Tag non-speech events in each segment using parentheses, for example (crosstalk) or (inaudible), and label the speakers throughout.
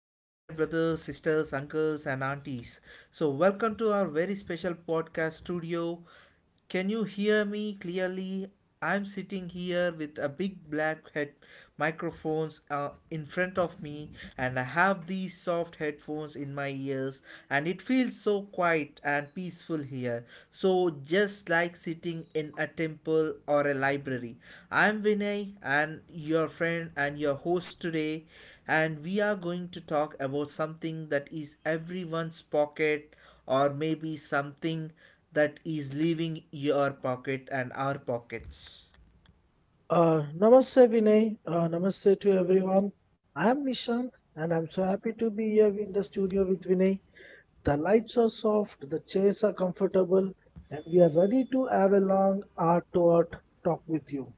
Speaker 1: to all my brothers, sisters, uncles, and aunties. So, welcome to our very special podcast studio. Can you hear me clearly? I'm sitting here with a big black head microphones in front of me, and I have these soft headphones in my ears, and it feels so quiet and peaceful here. So, just like sitting in a temple or a library. I'm Vinay and your friend and your host today, and we are going to talk about something that is everyone's pocket or maybe something that is leaving your pocket and our pockets.
Speaker 2: Namaste, Vinay. Namaste to everyone. I am Nishant, and I'm so happy to be here in the studio with Vinay. The lights are soft, the chairs are comfortable, and we are ready to have a long art to art talk with you.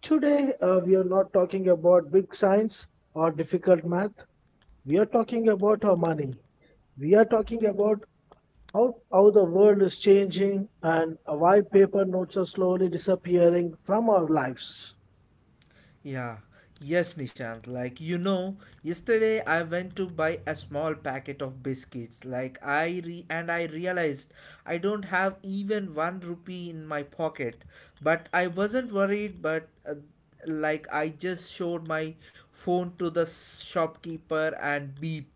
Speaker 2: Today, we are not talking about big science or difficult math. We are talking about our money. We are talking about how the world is changing and why paper notes are slowly disappearing from our lives.
Speaker 1: Yeah, yes, Nishant. Yesterday I went to buy a small packet of biscuits. Like, I re and I realized I don't have even 1 rupee in my pocket. But I wasn't worried, but like, I just showed my phone to the shopkeeper, and beep,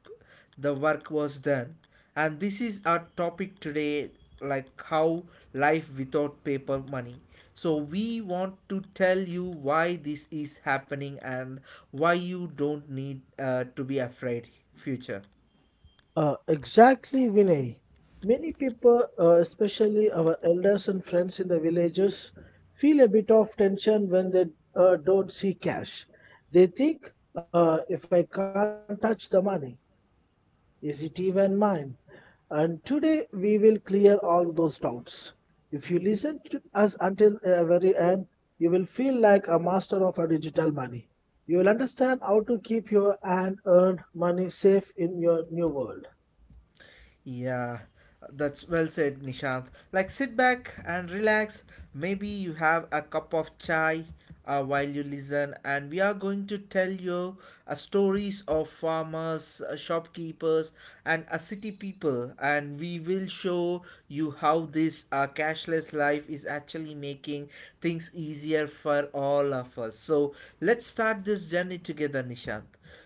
Speaker 1: the work was done. And this is our topic today, like how life without paper money. So we want to tell you why this is happening and why you don't need to be afraid future.
Speaker 2: Exactly, Vinay. Many people, especially our elders and friends in the villages, feel a bit of tension when they don't see cash. They think, if I can't touch the money, is it even mine? And today we will clear all those doubts. If you listen to us until the very end, you will feel like a master of a digital money. You will understand how to keep your and earned money safe in your new world.
Speaker 1: Yeah, that's well said, Nishant. Like, sit back and relax. Maybe you have a cup of chai while you listen, and we are going to tell you stories of farmers, shopkeepers, and city people, and we will show you how this cashless life is actually making things easier for all of us. So, let's start this journey together, Nishant.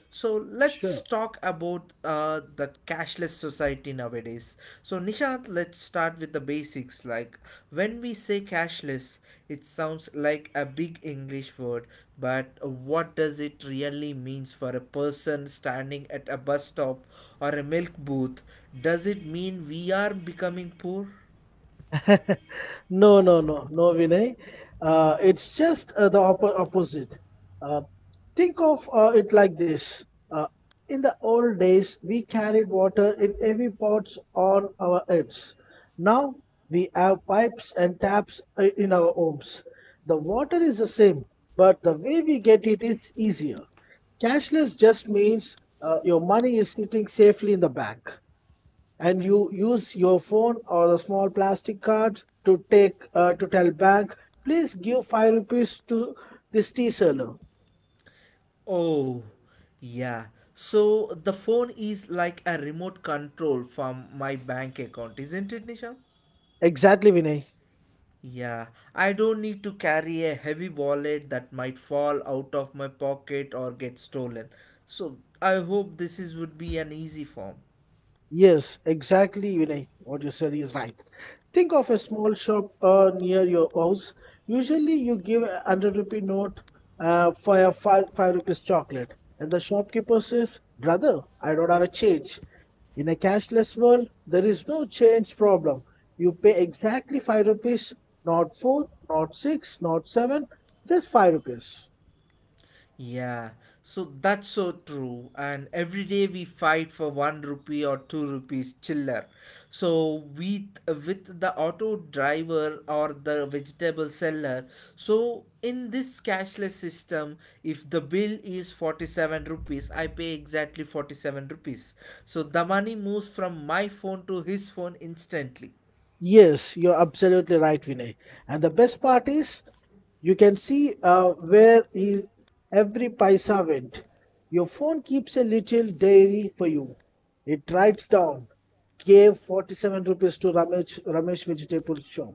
Speaker 1: So let's
Speaker 2: Sure.
Speaker 1: talk about the cashless society nowadays. So Nishant, let's start with the basics. Like when we say cashless, it sounds like a big English word, but what does it really means for a person standing at a bus stop or a milk booth? Does it mean we are becoming poor?
Speaker 2: (laughs) No, no, no, no, Vinay. It's just the opposite. Uh, think of it like this. Uh, in the old days, we carried water in heavy pots on our heads. Now we have pipes and taps in our homes. The water is the same, but the way we get it is easier. Cashless just means your money is sitting safely in the bank, and you use your phone or a small plastic card to take to tell bank, please give 5 rupees to this tea seller.
Speaker 1: Oh, yeah. So the phone is like a remote control from my bank account, isn't it, Nishant?
Speaker 2: Exactly, Vinay.
Speaker 1: Yeah, I don't need to carry a heavy wallet that might fall out of my pocket or get stolen. So I hope this is would be an easy form.
Speaker 2: Yes, exactly, Vinay. What you said is right. Think of a small shop near your house. Usually, you give a 100 rupee note for a five rupees chocolate, and the shopkeeper says, "Brother, I don't have a change." In a cashless world, there is no change problem. You pay exactly 5 rupees, not four, not six, not seven, just 5 rupees.
Speaker 1: Yeah, so that's so true. And every day we fight for 1 rupee or 2 rupees chiller. So with the auto driver or the vegetable seller. So in this cashless system, if the bill is 47 rupees, I pay exactly 47 rupees. So the money moves from my phone to his phone instantly.
Speaker 2: Yes, you're absolutely right, Vinay. And the best part is, you can see where is every paisa went. Your phone keeps a little diary for you. It writes down, gave 47 rupees to Ramesh, Ramesh vegetable shop.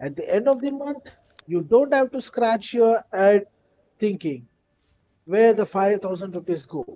Speaker 2: At the end of the month, you don't have to scratch your head thinking where the 5,000 rupees go.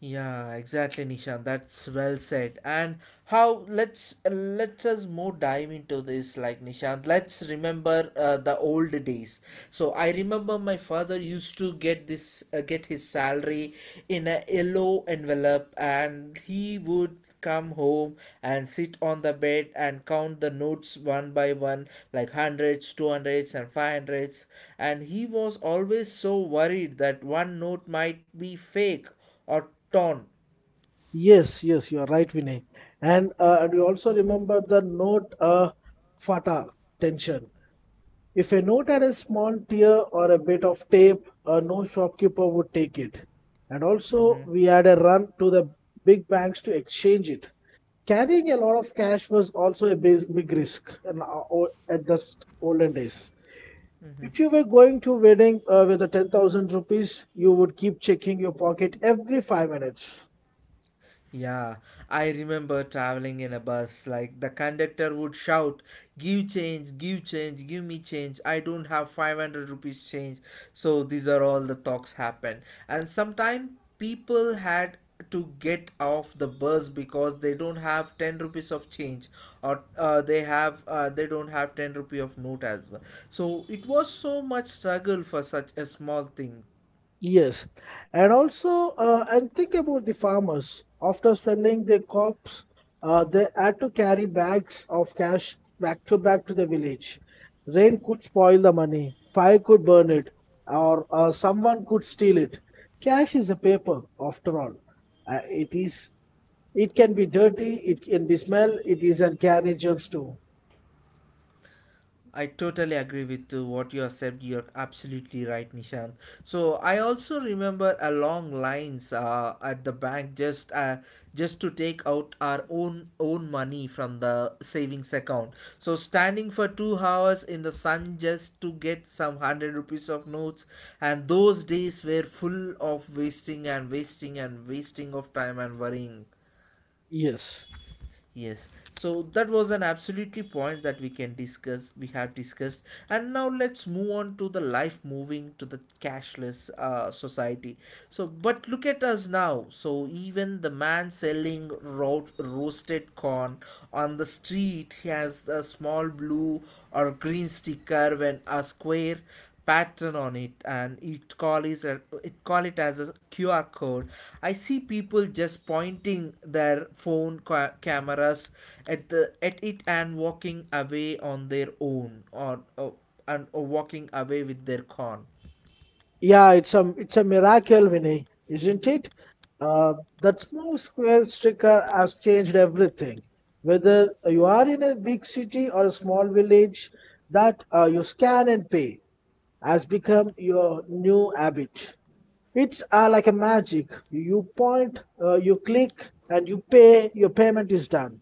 Speaker 1: Yeah, exactly, Nishan. That's well said. And how, let's let us more dive into this, like Nishant. Let's remember the old days. So I remember my father used to get this, get his salary in a yellow envelope, and he would come home and sit on the bed and count the notes one by one, like hundreds, two hundreds, and five hundreds. And he was always so worried that one note might be fake or torn.
Speaker 2: Yes, you are right, Vinay. And you also remember the note fata tension. If a note had a small tear or a bit of tape, no shopkeeper would take it. And
Speaker 1: Hmm.
Speaker 2: also, we had a run to the big banks to exchange it. Carrying a lot of cash was also a big risk in our, at the olden days. If you were going to a wedding with a 10,000 rupees, you would keep checking your pocket every 5 minutes.
Speaker 1: Yeah, I remember traveling in a bus. Like the conductor would shout, "Give change, give change, give me change. I don't have 500 rupees change." So these are all the talks happen. And sometimes people had to get off the bus because they don't have 10 rupees of change, or they don't have 10 rupee of note as well. So it was so much struggle for such a small thing.
Speaker 2: Yes, and also and think about the farmers. After selling their crops, they had to carry bags of cash back to the village. Rain could spoil the money, fire could burn it, or someone could steal it. Cash is a paper, after all. It is. It can be dirty. It can be smell. It is and carry germs too.
Speaker 1: I totally agree with what you have said. You're absolutely right, Nishant. So I also remember a long lines at the bank just to take out our own money from the savings account. So standing for 2 hours in the sun just to get some hundred rupees of notes, and those days were full of wasting and wasting and wasting of time and worrying.
Speaker 2: Yes.
Speaker 1: Yes, so that was an absolutely point that we can discuss. We have discussed, and now let's move on to the life moving to the cashless society. So, but look at us now. So even the man selling roasted corn on the street, he has a small blue or green sticker when a square pattern on it, and it call it as a QR code. I see people just pointing their phone cameras at the at it and walking away on their own, or walking away with their con.
Speaker 2: Yeah, it's a miracle, Vinay, isn't it? Uh, that small square sticker has changed everything. Whether you are in a big city or a small village, that you scan and pay has become your new habit. It's like a magic. You point, you click, and you pay. Your payment is done.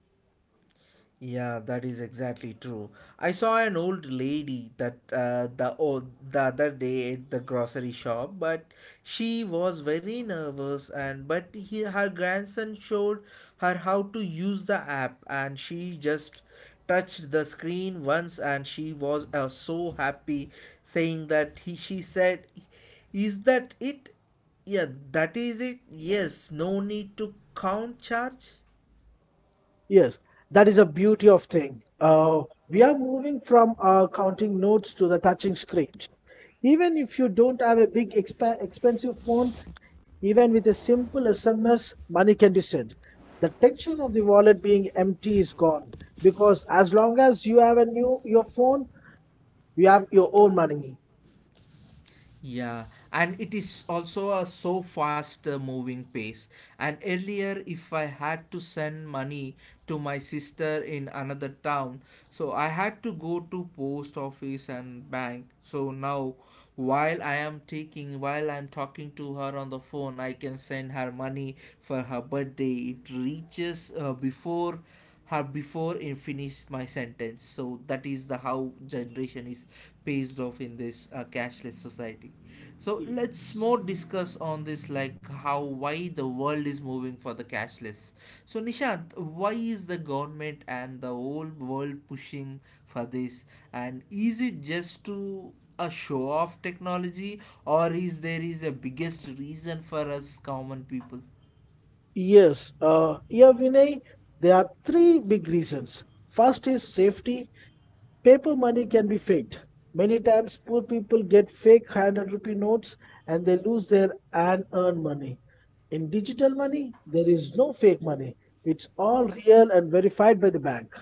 Speaker 1: Yeah, that is exactly true. I saw an old lady that the other day at the grocery shop, but she was very nervous, and her grandson showed her how to use the app, and she just touched the screen once, and she was so happy saying that he she said, is that it? Yeah, that is it. Yes, no need to count charge.
Speaker 2: Yes, that is a beauty of thing. We are moving from counting notes to the touching screens. Even if you don't have a big expensive phone, even with a simple SMS, money can be sent. The tension of the wallet being empty is gone because as long as you have a new your phone, you have your own money.
Speaker 1: Yeah, and it is also a so fast moving pace. And earlier, if I had to send money to my sister in another town, so I had to go to post office and bank. So now, while while I'm talking to her on the phone, I can send her money for her birthday. It reaches before and finish my sentence. So that is the how generation is based off in this cashless society. So let's more
Speaker 2: Yes.
Speaker 1: discuss on this, like how, why the world is moving for the cashless. So Nishant, why is the government and the whole world pushing for this? And is it just to a show off technology, or is there is a biggest reason for us common people?
Speaker 2: Yes, here Vinay, there are 3 big reasons. First is safety. Paper money can be faked. Many times poor people get fake 100 rupee notes and they lose their unearned money. In digital money, there is no fake money. It's all real and verified by the bank.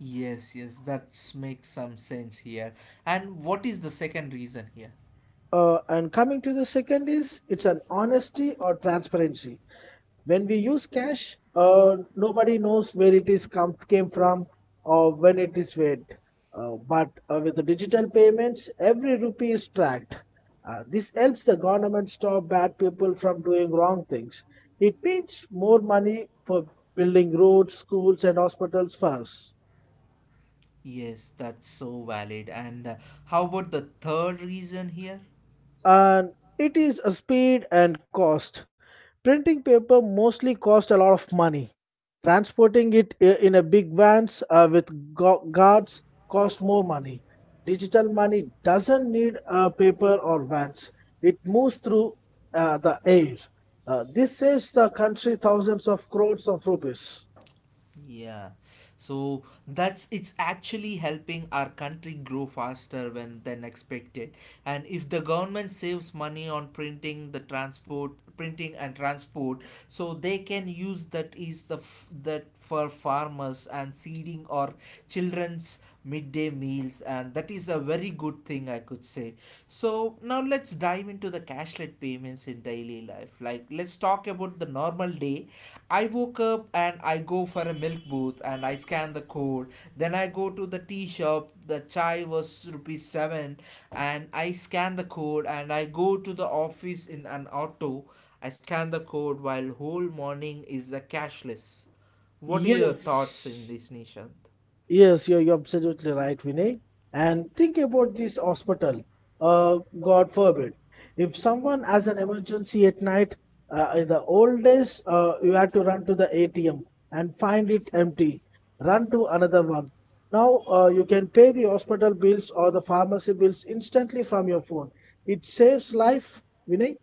Speaker 1: Yes, yes, that makes some sense here. And what is the second reason here?
Speaker 2: And coming to the second is it's an honesty or transparency. When we use cash, nobody knows where it is come came from or when it is paid. But with the digital payments, every rupee is tracked. This helps the government stop bad people from doing wrong things. It means more money for building roads, schools, and hospitals for us.
Speaker 1: Yes, that's so valid. And how about the third reason here?
Speaker 2: And it is a speed and cost. Printing paper mostly cost a lot of money. Transporting it in a big vans with guards cost more money. Digital money doesn't need paper or vans. It moves through the air. This saves the country thousands of crores of rupees.
Speaker 1: Yeah. So that's it's actually helping our country grow faster when than expected. And if the government saves money on printing the transport printing and transport, so they can use that is the that for farmers and seeding or children's midday meals. And that is a very good thing I could say. So now let's dive into the cashless payments in daily life. Like let's talk about the normal day. I woke up and I go for a milk booth and I scan the code. Then I go to the tea shop. The chai was rupees seven, and I scan the code. And I go to the office in an auto. I scan the code while whole morning is the cashless. What are your thoughts in
Speaker 2: Yes.
Speaker 1: this, Nisha?
Speaker 2: Yes, you're absolutely right, Vinay. And think about this hospital. God forbid. If someone has an emergency at night, in the old days, you had to run to the ATM and find it empty. Run to another one. Now, you can pay the hospital bills or the pharmacy bills instantly from your phone. It saves life, Vinay.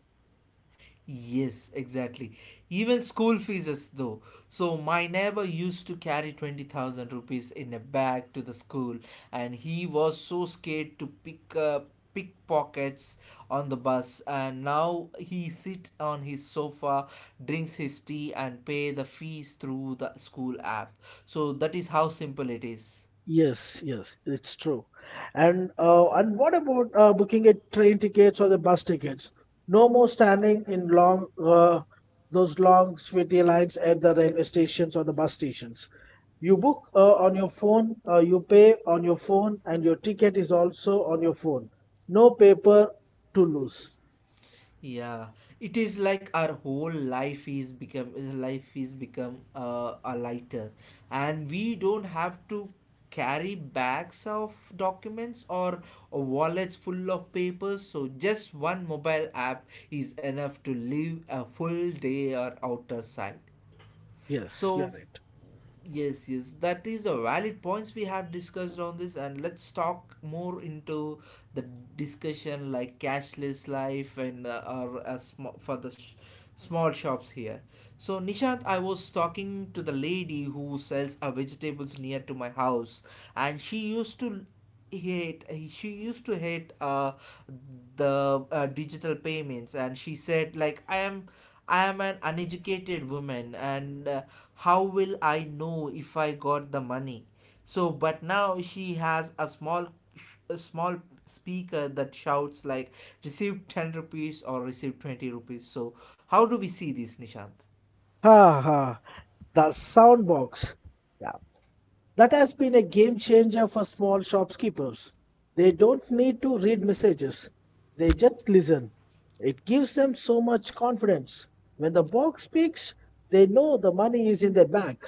Speaker 1: Yes, exactly. Even school fees, though. So my neighbor used to carry 20,000 rupees in a bag to the school, and he was so scared to pick up pickpockets on the bus. And now he sit on his sofa, drinks his tea, and pay the fees through the school app. So that is how simple it is.
Speaker 2: Yes, yes, it's true. And what about booking a train tickets or the bus tickets? No more standing in long those long sweaty lines at the railway stations or the bus stations. You book on your phone, you pay on your phone, and your ticket is also on your phone. No paper to lose.
Speaker 1: Yeah, it is like our whole life is become, a lighter, and we don't have to carry bags of documents or wallets full of papers. So just one mobile app is enough to live a full day or outer side.
Speaker 2: Yes, you're
Speaker 1: So
Speaker 2: right.
Speaker 1: yes, yes, that is a valid points we have discussed on this. And let's talk more into the discussion, like cashless life and for the small shops here. So Nishant, I was talking to the lady who sells vegetables near to my house. And she used to hate, she used to hate the digital payments. And she said, like, I am an uneducated woman, and how will I know if I got the money? So but now she has a small speaker that shouts like, receive 10 rupees or receive 20 rupees. So how do we see this, Nishant?
Speaker 2: Ha ha, the sound box. Yeah. That has been a game changer for small shopkeepers. They don't need to read messages, they just listen. It gives them so much confidence. When the box speaks, they know the money is in their bank.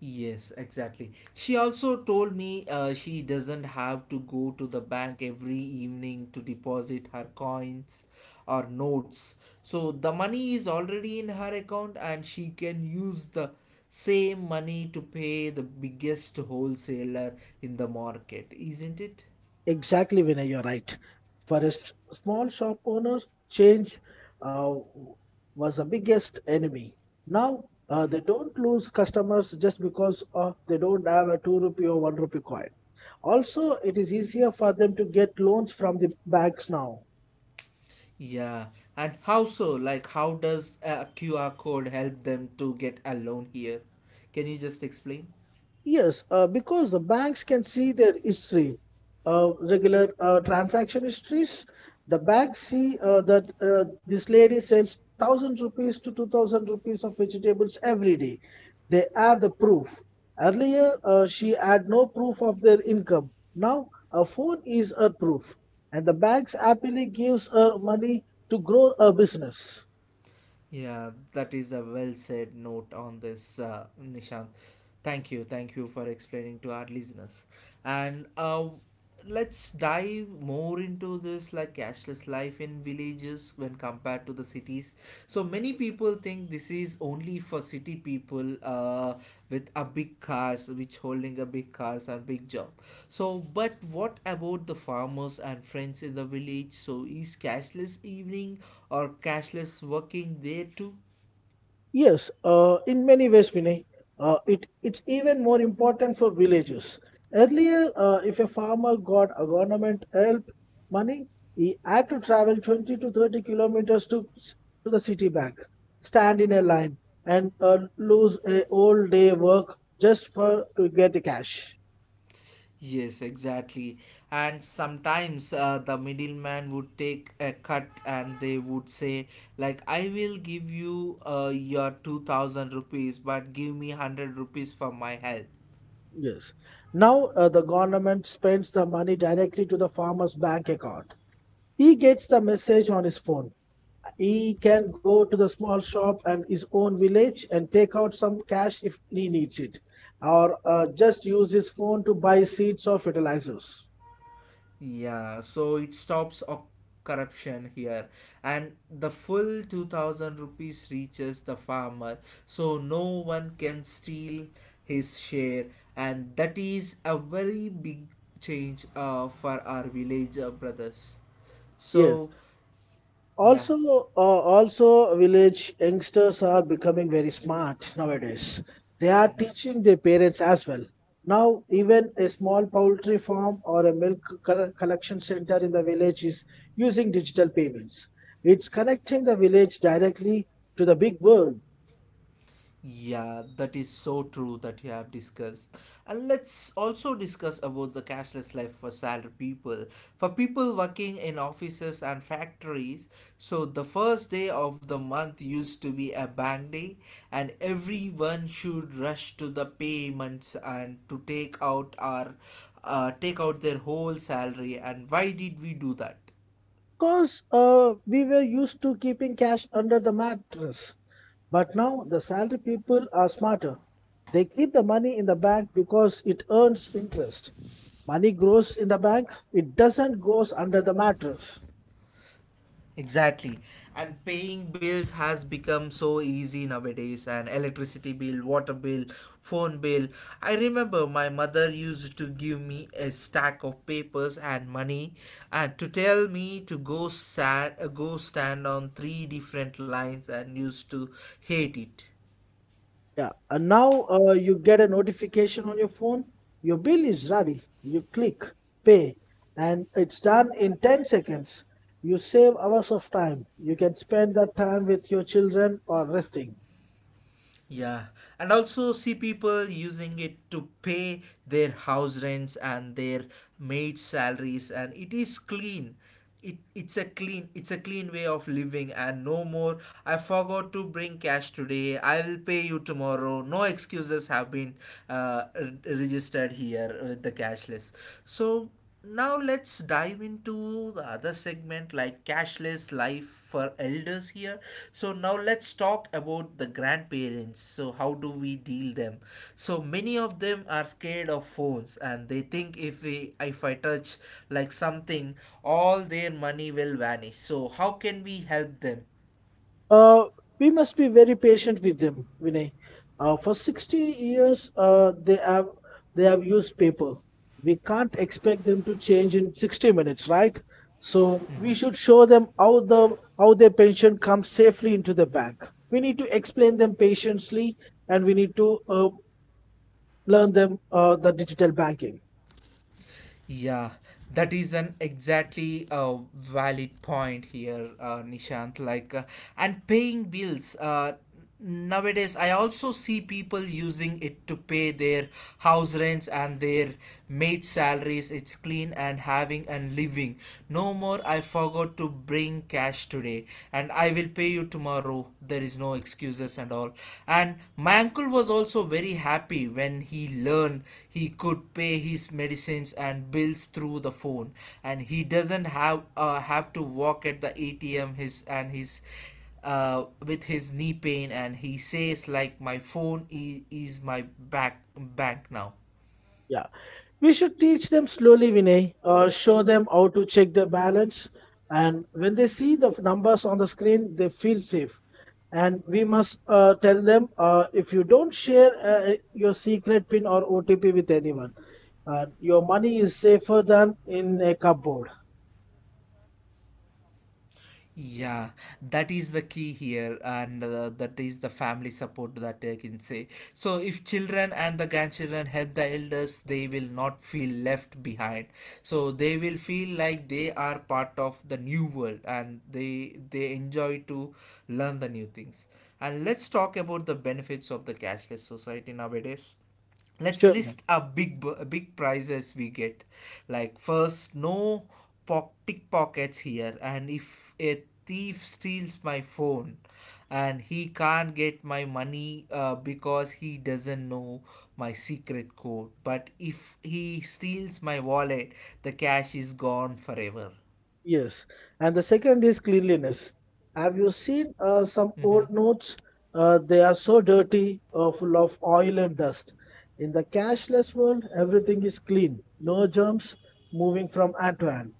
Speaker 1: Yes, exactly. She also told me she doesn't have to go to the bank every evening to deposit her coins or notes. So the money is already in her account, and she can use the same money to pay the biggest wholesaler in the market, isn't it?
Speaker 2: Exactly, Vinay, you're right. For a small shop owner, change uh, was the biggest enemy. Now they
Speaker 1: Mhm.
Speaker 2: don't lose customers just because they don't have a 2 rupee or 1 rupee coin. Also, it is easier for them to get loans from the banks now.
Speaker 1: Yeah, and how so? Like, how does a QR code help them to get a loan here? Can you just explain?
Speaker 2: Yes, because the banks can see their history, regular transaction histories. The banks see that this lady sells 1,000 rupees to 2,000 rupees of vegetables every day. They add the proof. Earlier, she had no proof of their income. Now, a phone is her proof, and the banks happily gives her money to grow her business.
Speaker 1: Yeah, that is a well said note on this, Nishant. Thank you for explaining to our listeners. And let's dive more into this, like cashless life in villages when compared to the cities. So many people think this is only for city people with a big cars, which holding a big cars and big job. So, but what about the farmers and friends in the village? So, is cashless evening or cashless working there too?
Speaker 2: Yes, in many ways, Vinay, it's even more important for villages. Earlier, if a farmer got a government help money, he had to travel 20 to 30 kilometers to, to the city bank, stand in a line, and lose a whole day work just for to get the cash.
Speaker 1: Yes, exactly. And sometimes the middleman would take a cut and they would say, like, I will give you your 2,000 rupees, but give me 100 rupees for my help.
Speaker 2: Yes. Now, the government spends the money directly to the farmer's bank account. He gets the message on his phone. He can go to the small shop and his own village and take out some cash if he needs it, or just use his phone to buy seeds or fertilizers.
Speaker 1: Yeah, so it stops corruption here, and the full 2000 rupees reaches the farmer, so no one can steal his share, and that is a very big change for our villager brothers.
Speaker 2: Yes.
Speaker 1: So, yeah.
Speaker 2: Also, also village youngsters are becoming very smart nowadays. They are teaching their parents as well. Now, even a small poultry farm or a milk collection center in the village is using digital payments. It's connecting the village directly to the big world.
Speaker 1: Yeah, that is so true that you have discussed. And let's also discuss about the cashless life for salary people. For people working in offices and factories, so the first day of the month used to be a bank day and everyone should rush to the payments and to take out our take out their whole salary and why did we do that?
Speaker 2: Because we were used to keeping cash under the mattress, but now the salary people are smarter. They keep the money in the bank because it earns interest. Money grows in the bank, it doesn't goes under the mattress.
Speaker 1: Exactly. And paying bills has become so easy nowadays and electricity bill, water bill, phone bill. I remember my mother used to give me a stack of papers and money and to tell me to go stand on three different lines and used to hate it.
Speaker 2: Yeah, and now you get a notification on your phone. Your bill is ready. You click pay, and it's done in 10 seconds. You save hours of time. You can spend that time with your children or resting.
Speaker 1: Yeah, and also see people using it to pay their house rents and their maid salaries, and it is clean. It's a clean way of living and no more I forgot to bring cash today, I will pay you tomorrow, no excuses have been registered here with the cashless. So now let's dive into the other segment like cashless life for elders here. So now let's talk about the grandparents. So how do we deal them? So many of them are scared of phones and they think if we if I touch like something, all their money will vanish. So how can we help them?
Speaker 2: Uh, we must be very patient with them, Vinay. For 60 years, they have used paper. We can't expect them to change in 60 minutes, right? So we should show them how their pension comes safely into the bank. We need to explain them patiently, and we need to learn them the digital banking.
Speaker 1: Yeah, that is an exactly valid point here, Nishant. Like, and paying bills. Nowadays, I also see people using it to pay their house rents and their maid salaries. It's clean and having and living. No more. I forgot to bring cash today, and I will pay you tomorrow. There is no excuses and all. And my uncle was also very happy when he learned he could pay his medicines and bills through the phone, and he doesn't have to walk at the ATM. His and his With his knee pain and he says like my is my back bank now.
Speaker 2: Yeah. We should teach them slowly, Vinay, or show them how to check the balance. And when they see the numbers on the screen, they feel safe. And we must tell them if you don't share your secret PIN or OTP with anyone, your money is safer than in a cupboard.
Speaker 1: Yeah, that is the key here, and that is the family support that I can say. So, if children and the grandchildren help the elders, they will not feel left behind. So, they will feel like they are part of the new world, and they enjoy to learn the new things. And let's talk about the benefits of the cashless society nowadays. Let's
Speaker 2: Sure.
Speaker 1: list our big big prizes we get. Like, first, no pock pickpockets here, and if a thief steals my phone, and he can't get my money because he doesn't know my secret code, but if he steals my wallet, the cash is gone forever.
Speaker 2: Yes, and the second is cleanliness. Have you seen some
Speaker 1: Mm-hmm.
Speaker 2: old notes? They are so dirty, full of oil and dust. In the cashless world, everything is clean, no germs moving from hand to hand.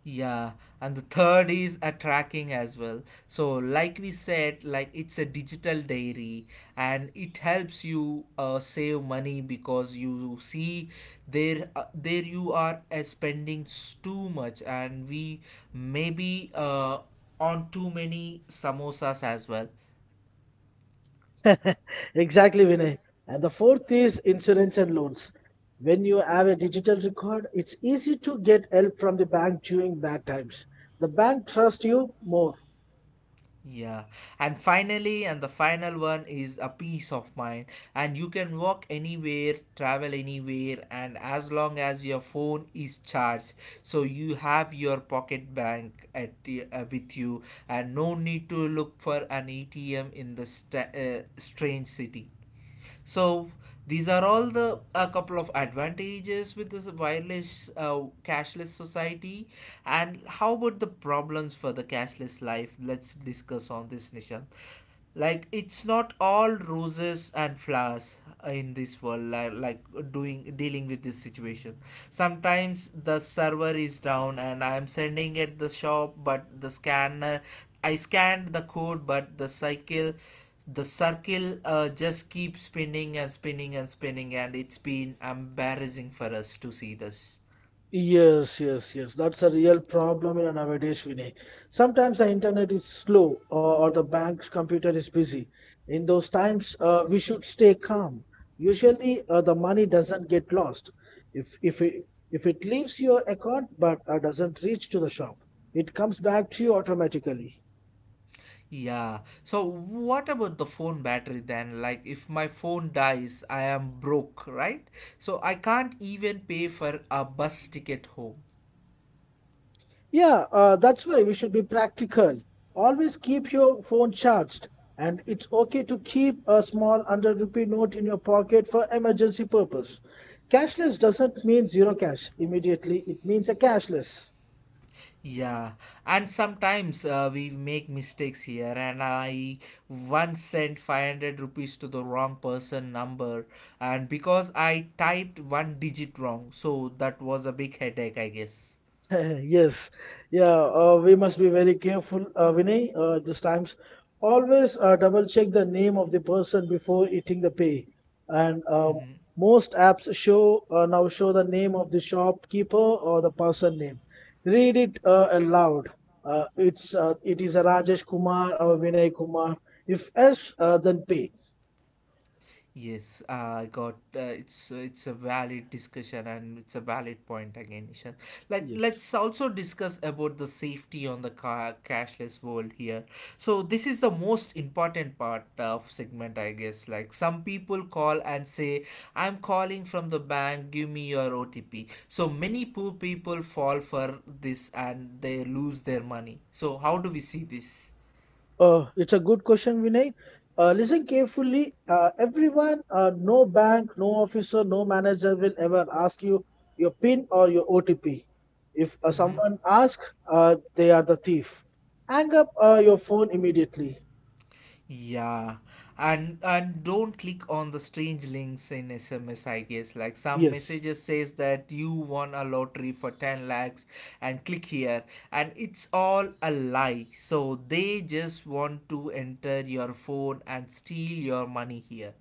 Speaker 1: Yeah, and the third is a tracking as well. So like we said, like it's a digital diary, and it helps you save money because you see there you are too much and we maybe on too many samosas as well.
Speaker 2: (laughs) Exactly, Vinay. And the fourth is insurance and loans. When you have a digital record, it's easy to get help from the bank during bad times. The bank trusts you more.
Speaker 1: Yeah, and finally, and the final one is a peace of mind. And you can walk anywhere, travel anywhere, and as long as your phone is charged, so you have your pocket bank with you, and no need to look for an ATM in the strange city. So these are all the a couple of advantages with this wireless cashless society. And how about the problems for the cashless life? Let's discuss on this, Nishan. Like it's not all roses and flowers in this world, like doing dealing with this situation, sometimes the server is down and I am sending at the shop but the scanner I scanned the code but the circle just keeps spinning and spinning and spinning and it's been embarrassing for us to see this.
Speaker 2: Yes, yes, yes. That's a real problem in nowadays, Vinay. Sometimes the internet is slow or the bank's computer is busy. In those times, we should stay calm. Usually, the money doesn't get lost. If it leaves your account but doesn't reach to the shop, it comes back to you automatically.
Speaker 1: Yeah, so what about the phone battery then? Like if my phone dies, I am broke, right? So I can't even pay for a bus ticket home.
Speaker 2: Yeah, that's why we should be practical. Always keep your phone charged, and it's okay to keep a small 100 rupee note in your pocket for emergency purpose. Cashless doesn't mean zero cash immediately, it means a cashless.
Speaker 1: Yeah, and sometimes we make mistakes here. And I once sent 500 rupees to the wrong person number, and because I typed one digit wrong, so that was a big headache, I guess.
Speaker 2: (laughs) Yes, yeah, we must be very careful, Vinay, this times. Always double check the name of the person before eating the pay. And
Speaker 1: Hmm.
Speaker 2: most apps show now show the name of the shopkeeper or the person name. Read it aloud. It is a Rajesh Kumar or Vinay Kumar. If S, then pay.
Speaker 1: Yes, I got it's a valid discussion and it's a valid point again, Ishan. Like
Speaker 2: Yes.
Speaker 1: let's also discuss about the safety on the car cashless world here. So this is the most important part of segment, I guess. Like some people call and say, "I'm calling from the bank, give me your OTP." So many poor people fall for this and they lose their money. So how do we see this?
Speaker 2: It's a good question, Vinay. Listen carefully. Everyone, no bank, no officer, no manager will ever ask you your PIN or your OTP. If
Speaker 1: Mm-hmm.
Speaker 2: someone asks, they are the thief. Hang up your phone immediately.
Speaker 1: Yeah, and don't click on the strange links in SMS. I guess like some
Speaker 2: Yes.
Speaker 1: messages says that you won a lottery for 10 lakhs, and click here, and it's all a lie. So they just want to enter your phone and steal your money here.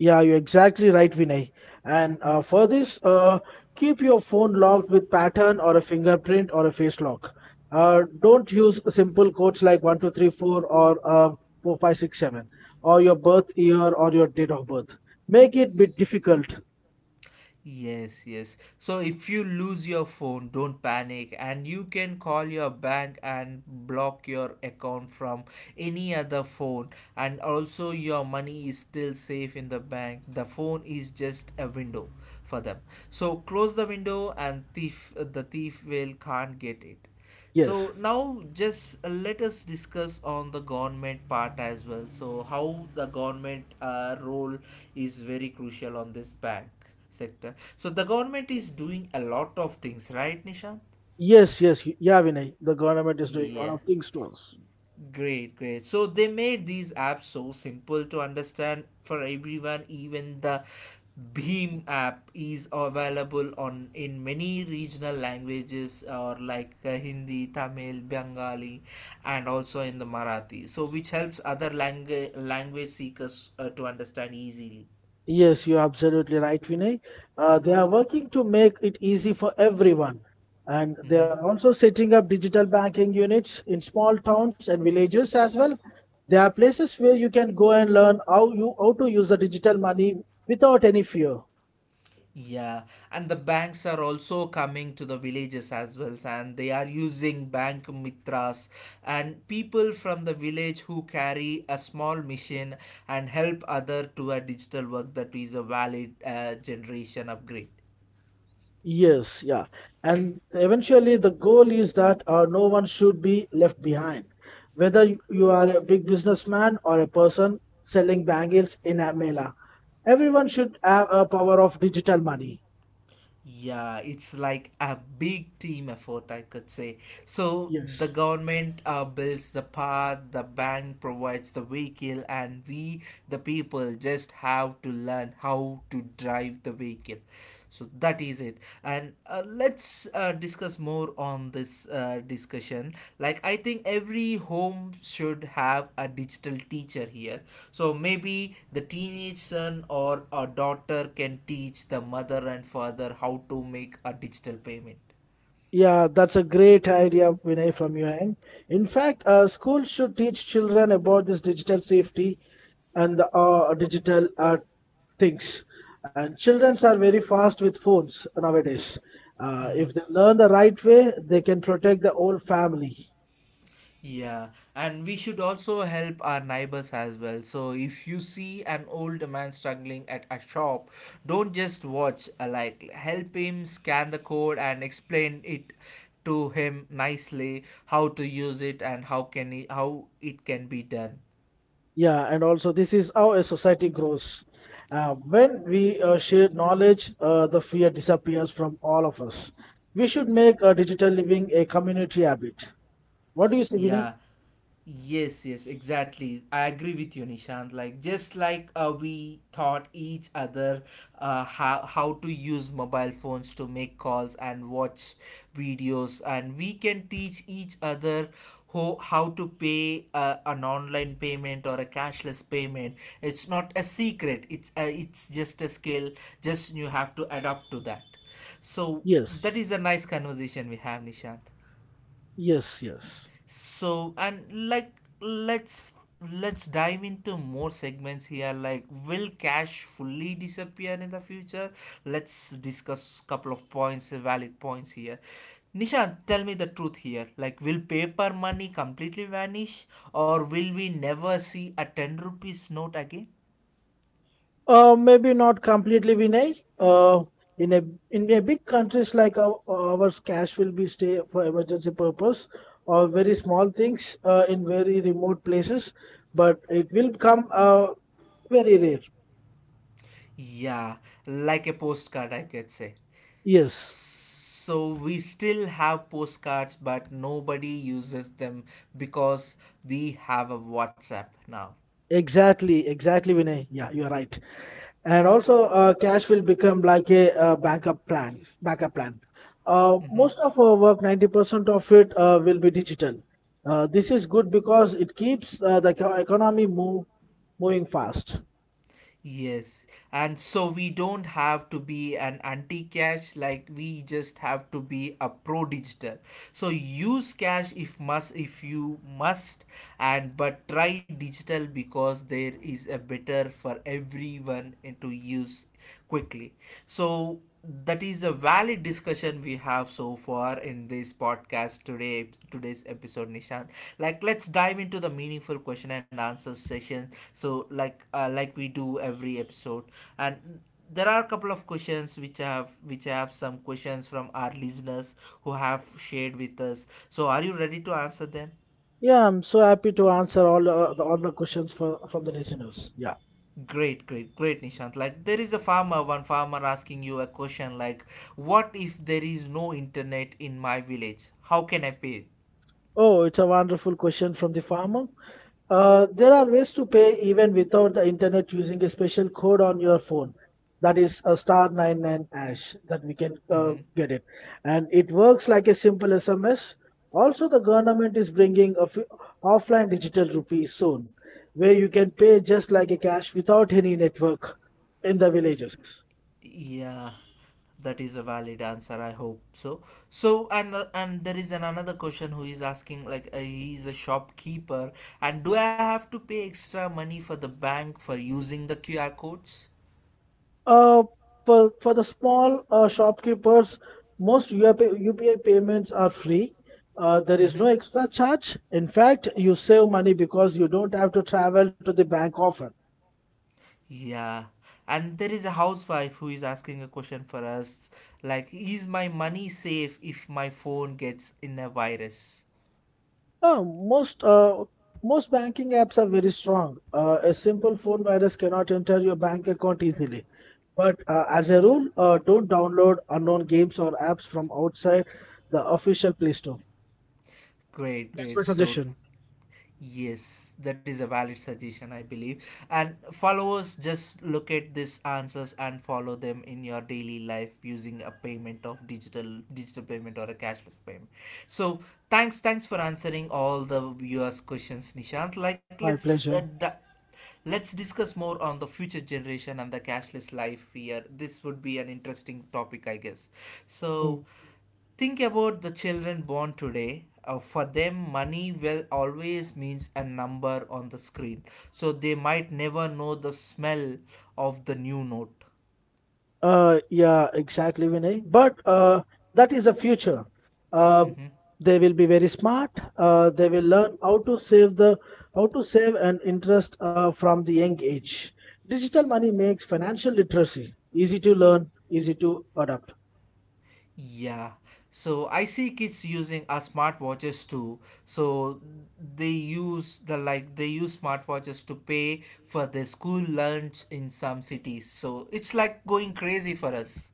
Speaker 2: Yeah, you're exactly right, Vinay. And for this, keep your phone locked with pattern or a fingerprint or a face lock. Don't use simple codes like 1234 or 4567 or your birth year or your date of birth. Make it bit difficult.
Speaker 1: Yes, yes. So if you lose your phone, don't panic and you can call your bank and block your account from any other phone. And also, your money is still safe in the bank. The phone is just a window for them. So close the window and thief will can't get it.
Speaker 2: Yes.
Speaker 1: So now just let us discuss on the government part as well. So how the government role is very crucial on this bank sector. So the government is doing a lot of things, right, Nishant?
Speaker 2: Yes, yes. Yeah, Vinay. The government is doing a lot
Speaker 1: Yeah.
Speaker 2: of things to us.
Speaker 1: Great, great. So they made these apps so simple to understand for everyone. Even the Beam app is available on in many regional languages or like Hindi, Tamil, Bengali, and also in the Marathi. So which helps other language seekers to understand easily.
Speaker 2: Yes, you're absolutely right, Vinay. They are working to make it easy for everyone. And they
Speaker 1: Mm-hmm.
Speaker 2: are also setting up digital banking units in small towns and villages as well. There are places where you can go and learn how to use the digital money without any fear.
Speaker 1: Yeah, and the banks are also coming to the villages as well, and they are using bank mitras and people from the village who carry a small machine and help other to a digital work, that is a valid generation upgrade.
Speaker 2: Yes, yeah. And eventually, the goal is that no one should be left behind. Whether you are a big businessman or a person selling bangles in a mela, everyone should have a power of digital money.
Speaker 1: Yeah, it's like a big team effort, I could say. So the
Speaker 2: Yes.
Speaker 1: government builds the path, the bank provides the vehicle, and we, the people, just have to learn how to drive the vehicle. So that is it. And let's discuss more on this discussion. Like I think every home should have a digital teacher here. So maybe the teenage son or a daughter can teach the mother and father how to make a digital payment.
Speaker 2: Yeah, that's a great idea, Vinay, from your end. In fact, schools should teach children about this digital safety and the digital things. And children are very fast with phones nowadays. Uh,
Speaker 1: Mhm.
Speaker 2: if they learn the right way, they can protect the whole family.
Speaker 1: Yeah, and we should also help our neighbors as well. So if you see an old man struggling at a shop, don't just watch. Like help him scan the code and explain it to him nicely how to use it and how can he, how it can be done.
Speaker 2: Yeah, and also this is how a society grows. When we share knowledge, the fear disappears from all of us. We should make digital living a community habit. What do you say, Vinay?
Speaker 1: Yeah. Yes, yes, exactly. I agree with you, Nishant. Like just like we taught each other how to use mobile phones to make calls and watch videos, and we can teach each other how to pay an online payment or a cashless payment. It's not a secret. It's just a skill. Just you have to adapt to that. So
Speaker 2: Yes,
Speaker 1: that is a nice conversation we have, Nishant.
Speaker 2: yes, yes.
Speaker 1: So and let's dive into more segments here. Like, will cash fully disappear in the future? Let's discuss couple of points, valid points here. Nishan, tell me the truth here. Like, will paper money completely vanish, or will we never see a 10 rupees note again?
Speaker 2: Maybe not completely, Vinay. In a in a big countries like ours, cash will be stay for emergency purpose or very small things in very remote places, but it will come very rare.
Speaker 1: Yeah, like a postcard I could say.
Speaker 2: Yes,
Speaker 1: So we still have postcards, but nobody uses them because we have a WhatsApp now.
Speaker 2: exactly, exactly, Vinay. Yeah, you are right. And also, cash will become like a backup plan. Backup plan. Uh,
Speaker 1: Mhm.
Speaker 2: most of our work, 90% of it, will be digital. This is good because it keeps the economy moving fast.
Speaker 1: Yes, and so we don't have to be an anti cash, like we just have to be a pro digital. So use cash if you must, and but try digital because there is a better for everyone to use quickly. So that is a valid discussion we have so far in this podcast today's episode, Nishant. Like let's dive into the meaningful question and answer session so like we do every episode and there are a couple of questions which have some questions from our listeners who have shared with us. So are you ready to answer them?
Speaker 2: Yeah, I'm so happy to answer all all the questions from the listeners. Yeah.
Speaker 1: Great, great, great, Nishant. Like, there is a farmer, one farmer asking you a question like, what if there is no internet in my village? How can I pay?
Speaker 2: Oh, it's a wonderful question from the farmer. There are ways to pay even without the internet using a special code on your phone. That is a star 99 hash that we can
Speaker 1: Hmm.
Speaker 2: get it. And it works like a simple SMS. Also, the government is bringing a f offline digital rupee soon, where you can pay just like a cash without any network in the villages.
Speaker 1: Yeah, that is a valid answer. I hope so. So, and there is an another question who is asking like he is a shopkeeper, and do I have to pay extra money for the bank for using the QR codes?
Speaker 2: Uh, for the small shopkeepers, UPI payments are free. There is
Speaker 1: Mm-hmm.
Speaker 2: no extra charge. In fact, you save money because you don't have to travel to the bank often.
Speaker 1: Yeah, and there is a housewife who is asking a question for us like, is my money safe if my phone gets in a virus?
Speaker 2: Uh, most uh, most banking apps are very strong. A simple phone virus cannot enter your bank account easily. But as a rule, don't download unknown games or apps from outside the official Play Store.
Speaker 1: Great,
Speaker 2: That's
Speaker 1: great.
Speaker 2: my
Speaker 1: So
Speaker 2: suggestion.
Speaker 1: yes, that is a valid suggestion, I believe. And followers just look at these answers and follow them in your daily life using a payment of digital payment or a cashless payment. So thanks, thanks for answering all the viewers' questions, Nishant. Like
Speaker 2: My
Speaker 1: let's uh,
Speaker 2: pleasure.
Speaker 1: d- let's discuss more on the future generation and the cashless life here. This would be an interesting topic, I guess.
Speaker 2: Mm.
Speaker 1: So think about the children born today. For them, money will always means a number on the screen, so they might never know the smell of the new note.
Speaker 2: Yeah, exactly, Vinay. But that is the future. Uh,
Speaker 1: Mhm.
Speaker 2: they will be very smart. They will learn how to save and interest from the young age. Digital money makes financial literacy easy to learn, easy to adopt.
Speaker 1: Yeah, so I see kids using smartwatches too. So they use smartwatches to pay for their school lunch in some cities. So it's like going crazy for us.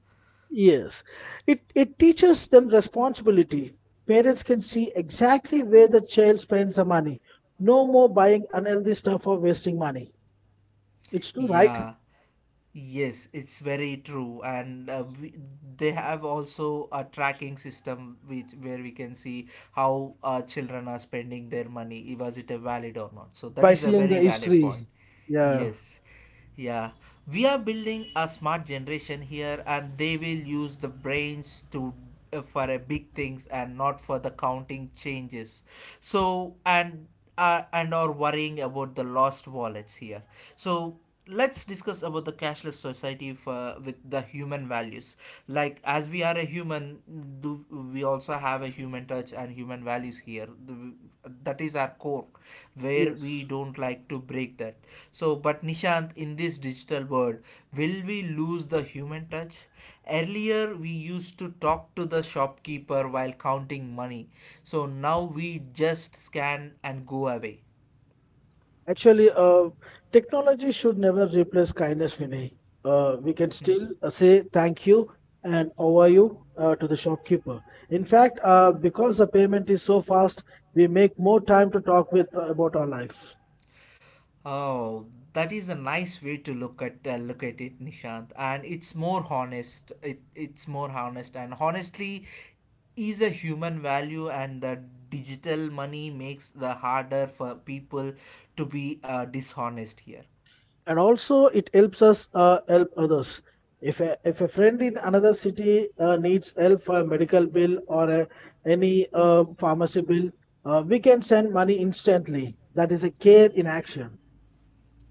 Speaker 2: Yes, it teaches them responsibility. Parents can see exactly where the child spends the money. No more buying unhealthy stuff or wasting money. It's true, right?
Speaker 1: Yeah. Yes, it's very true, and they have also a tracking system which where we can see how children are spending their money, was it a valid or not. So that
Speaker 2: By
Speaker 1: is a
Speaker 2: seeing the
Speaker 1: very valid point.
Speaker 2: history. Yeah.
Speaker 1: Yes, yeah, we are building a smart generation here, and they will use the brains to for a big things and not for the counting changes. So and are worrying about the lost wallets here. So let's discuss about the cashless society for, with the human values, like as we are a human, do we also have a human touch and human values here? That is our core where we
Speaker 2: Yes,
Speaker 1: don't like to break that. So but Nishant, in this digital world, will we lose the human touch? Earlier we used to talk to the shopkeeper while counting money. So now we just scan and go away.
Speaker 2: actually, technology should never replace kindness, Vinay. We can still
Speaker 1: (laughs)
Speaker 2: say thank you and how you to the shopkeeper. In fact, because the payment is so fast, we make more time to talk with about our life,
Speaker 1: Oh, that is a nice way to look at it, Nishant. And it's more honest. It's more honest, and honestly, is a human value, and the digital money makes the harder for people to be dishonest here.
Speaker 2: and also it helps us help others. If a friend in another city needs help for a medical bill or any pharmacy bill, we can send money instantly. That is a care in action.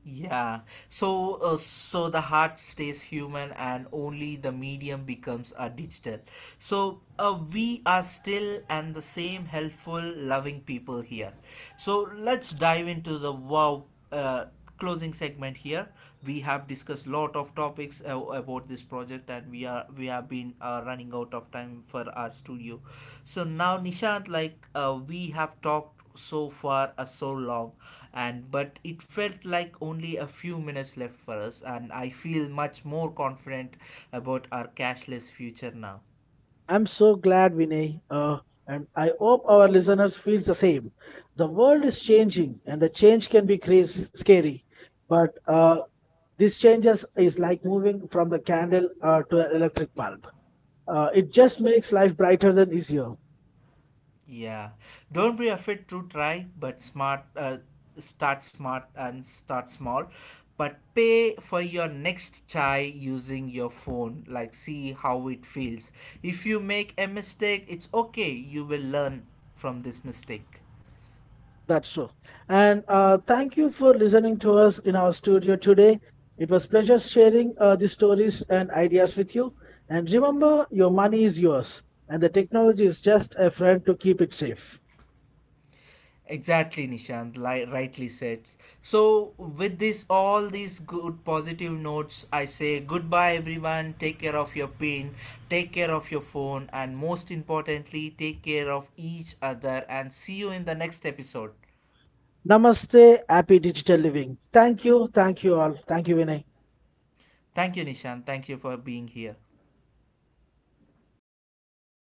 Speaker 1: Yeah. So so the heart stays human and only the medium becomes a digital. So we are still and the same helpful loving people here. So let's dive into the closing segment here. We have discussed lot of topics about this project and we have been running out of time for our studio. So now Nishant, like we have talked so far so long and but it felt like only a few minutes left for us and I feel much more confident about our cashless future now.
Speaker 2: I'm so glad, Vinay, and I hope our listeners feel the same. The world is changing, and the change can be crazy, scary, but this changes is like moving from the candle to an electric bulb. It just makes life brighter than easier.
Speaker 1: Yeah, don't be afraid to try but smart start smart and start small, but pay for your next chai using your phone like see how it feels. If you make a mistake, it's okay, you will learn from this mistake.
Speaker 2: That's true. And thank you for listening to us in our studio today. It was pleasure sharing these stories and ideas with you. And remember, your money is yours, and the technology is just a friend to keep it safe.
Speaker 1: Exactly, Nishant, rightly said. So, with this, all these good positive notes, I say goodbye, everyone. Take care of your pain, take care of your phone, and most importantly, take care of each other. And see you in the next episode.
Speaker 2: Namaste, happy digital living. Thank you all. Thank you, Vinay.
Speaker 1: Thank you, Nishant. Thank you for being here.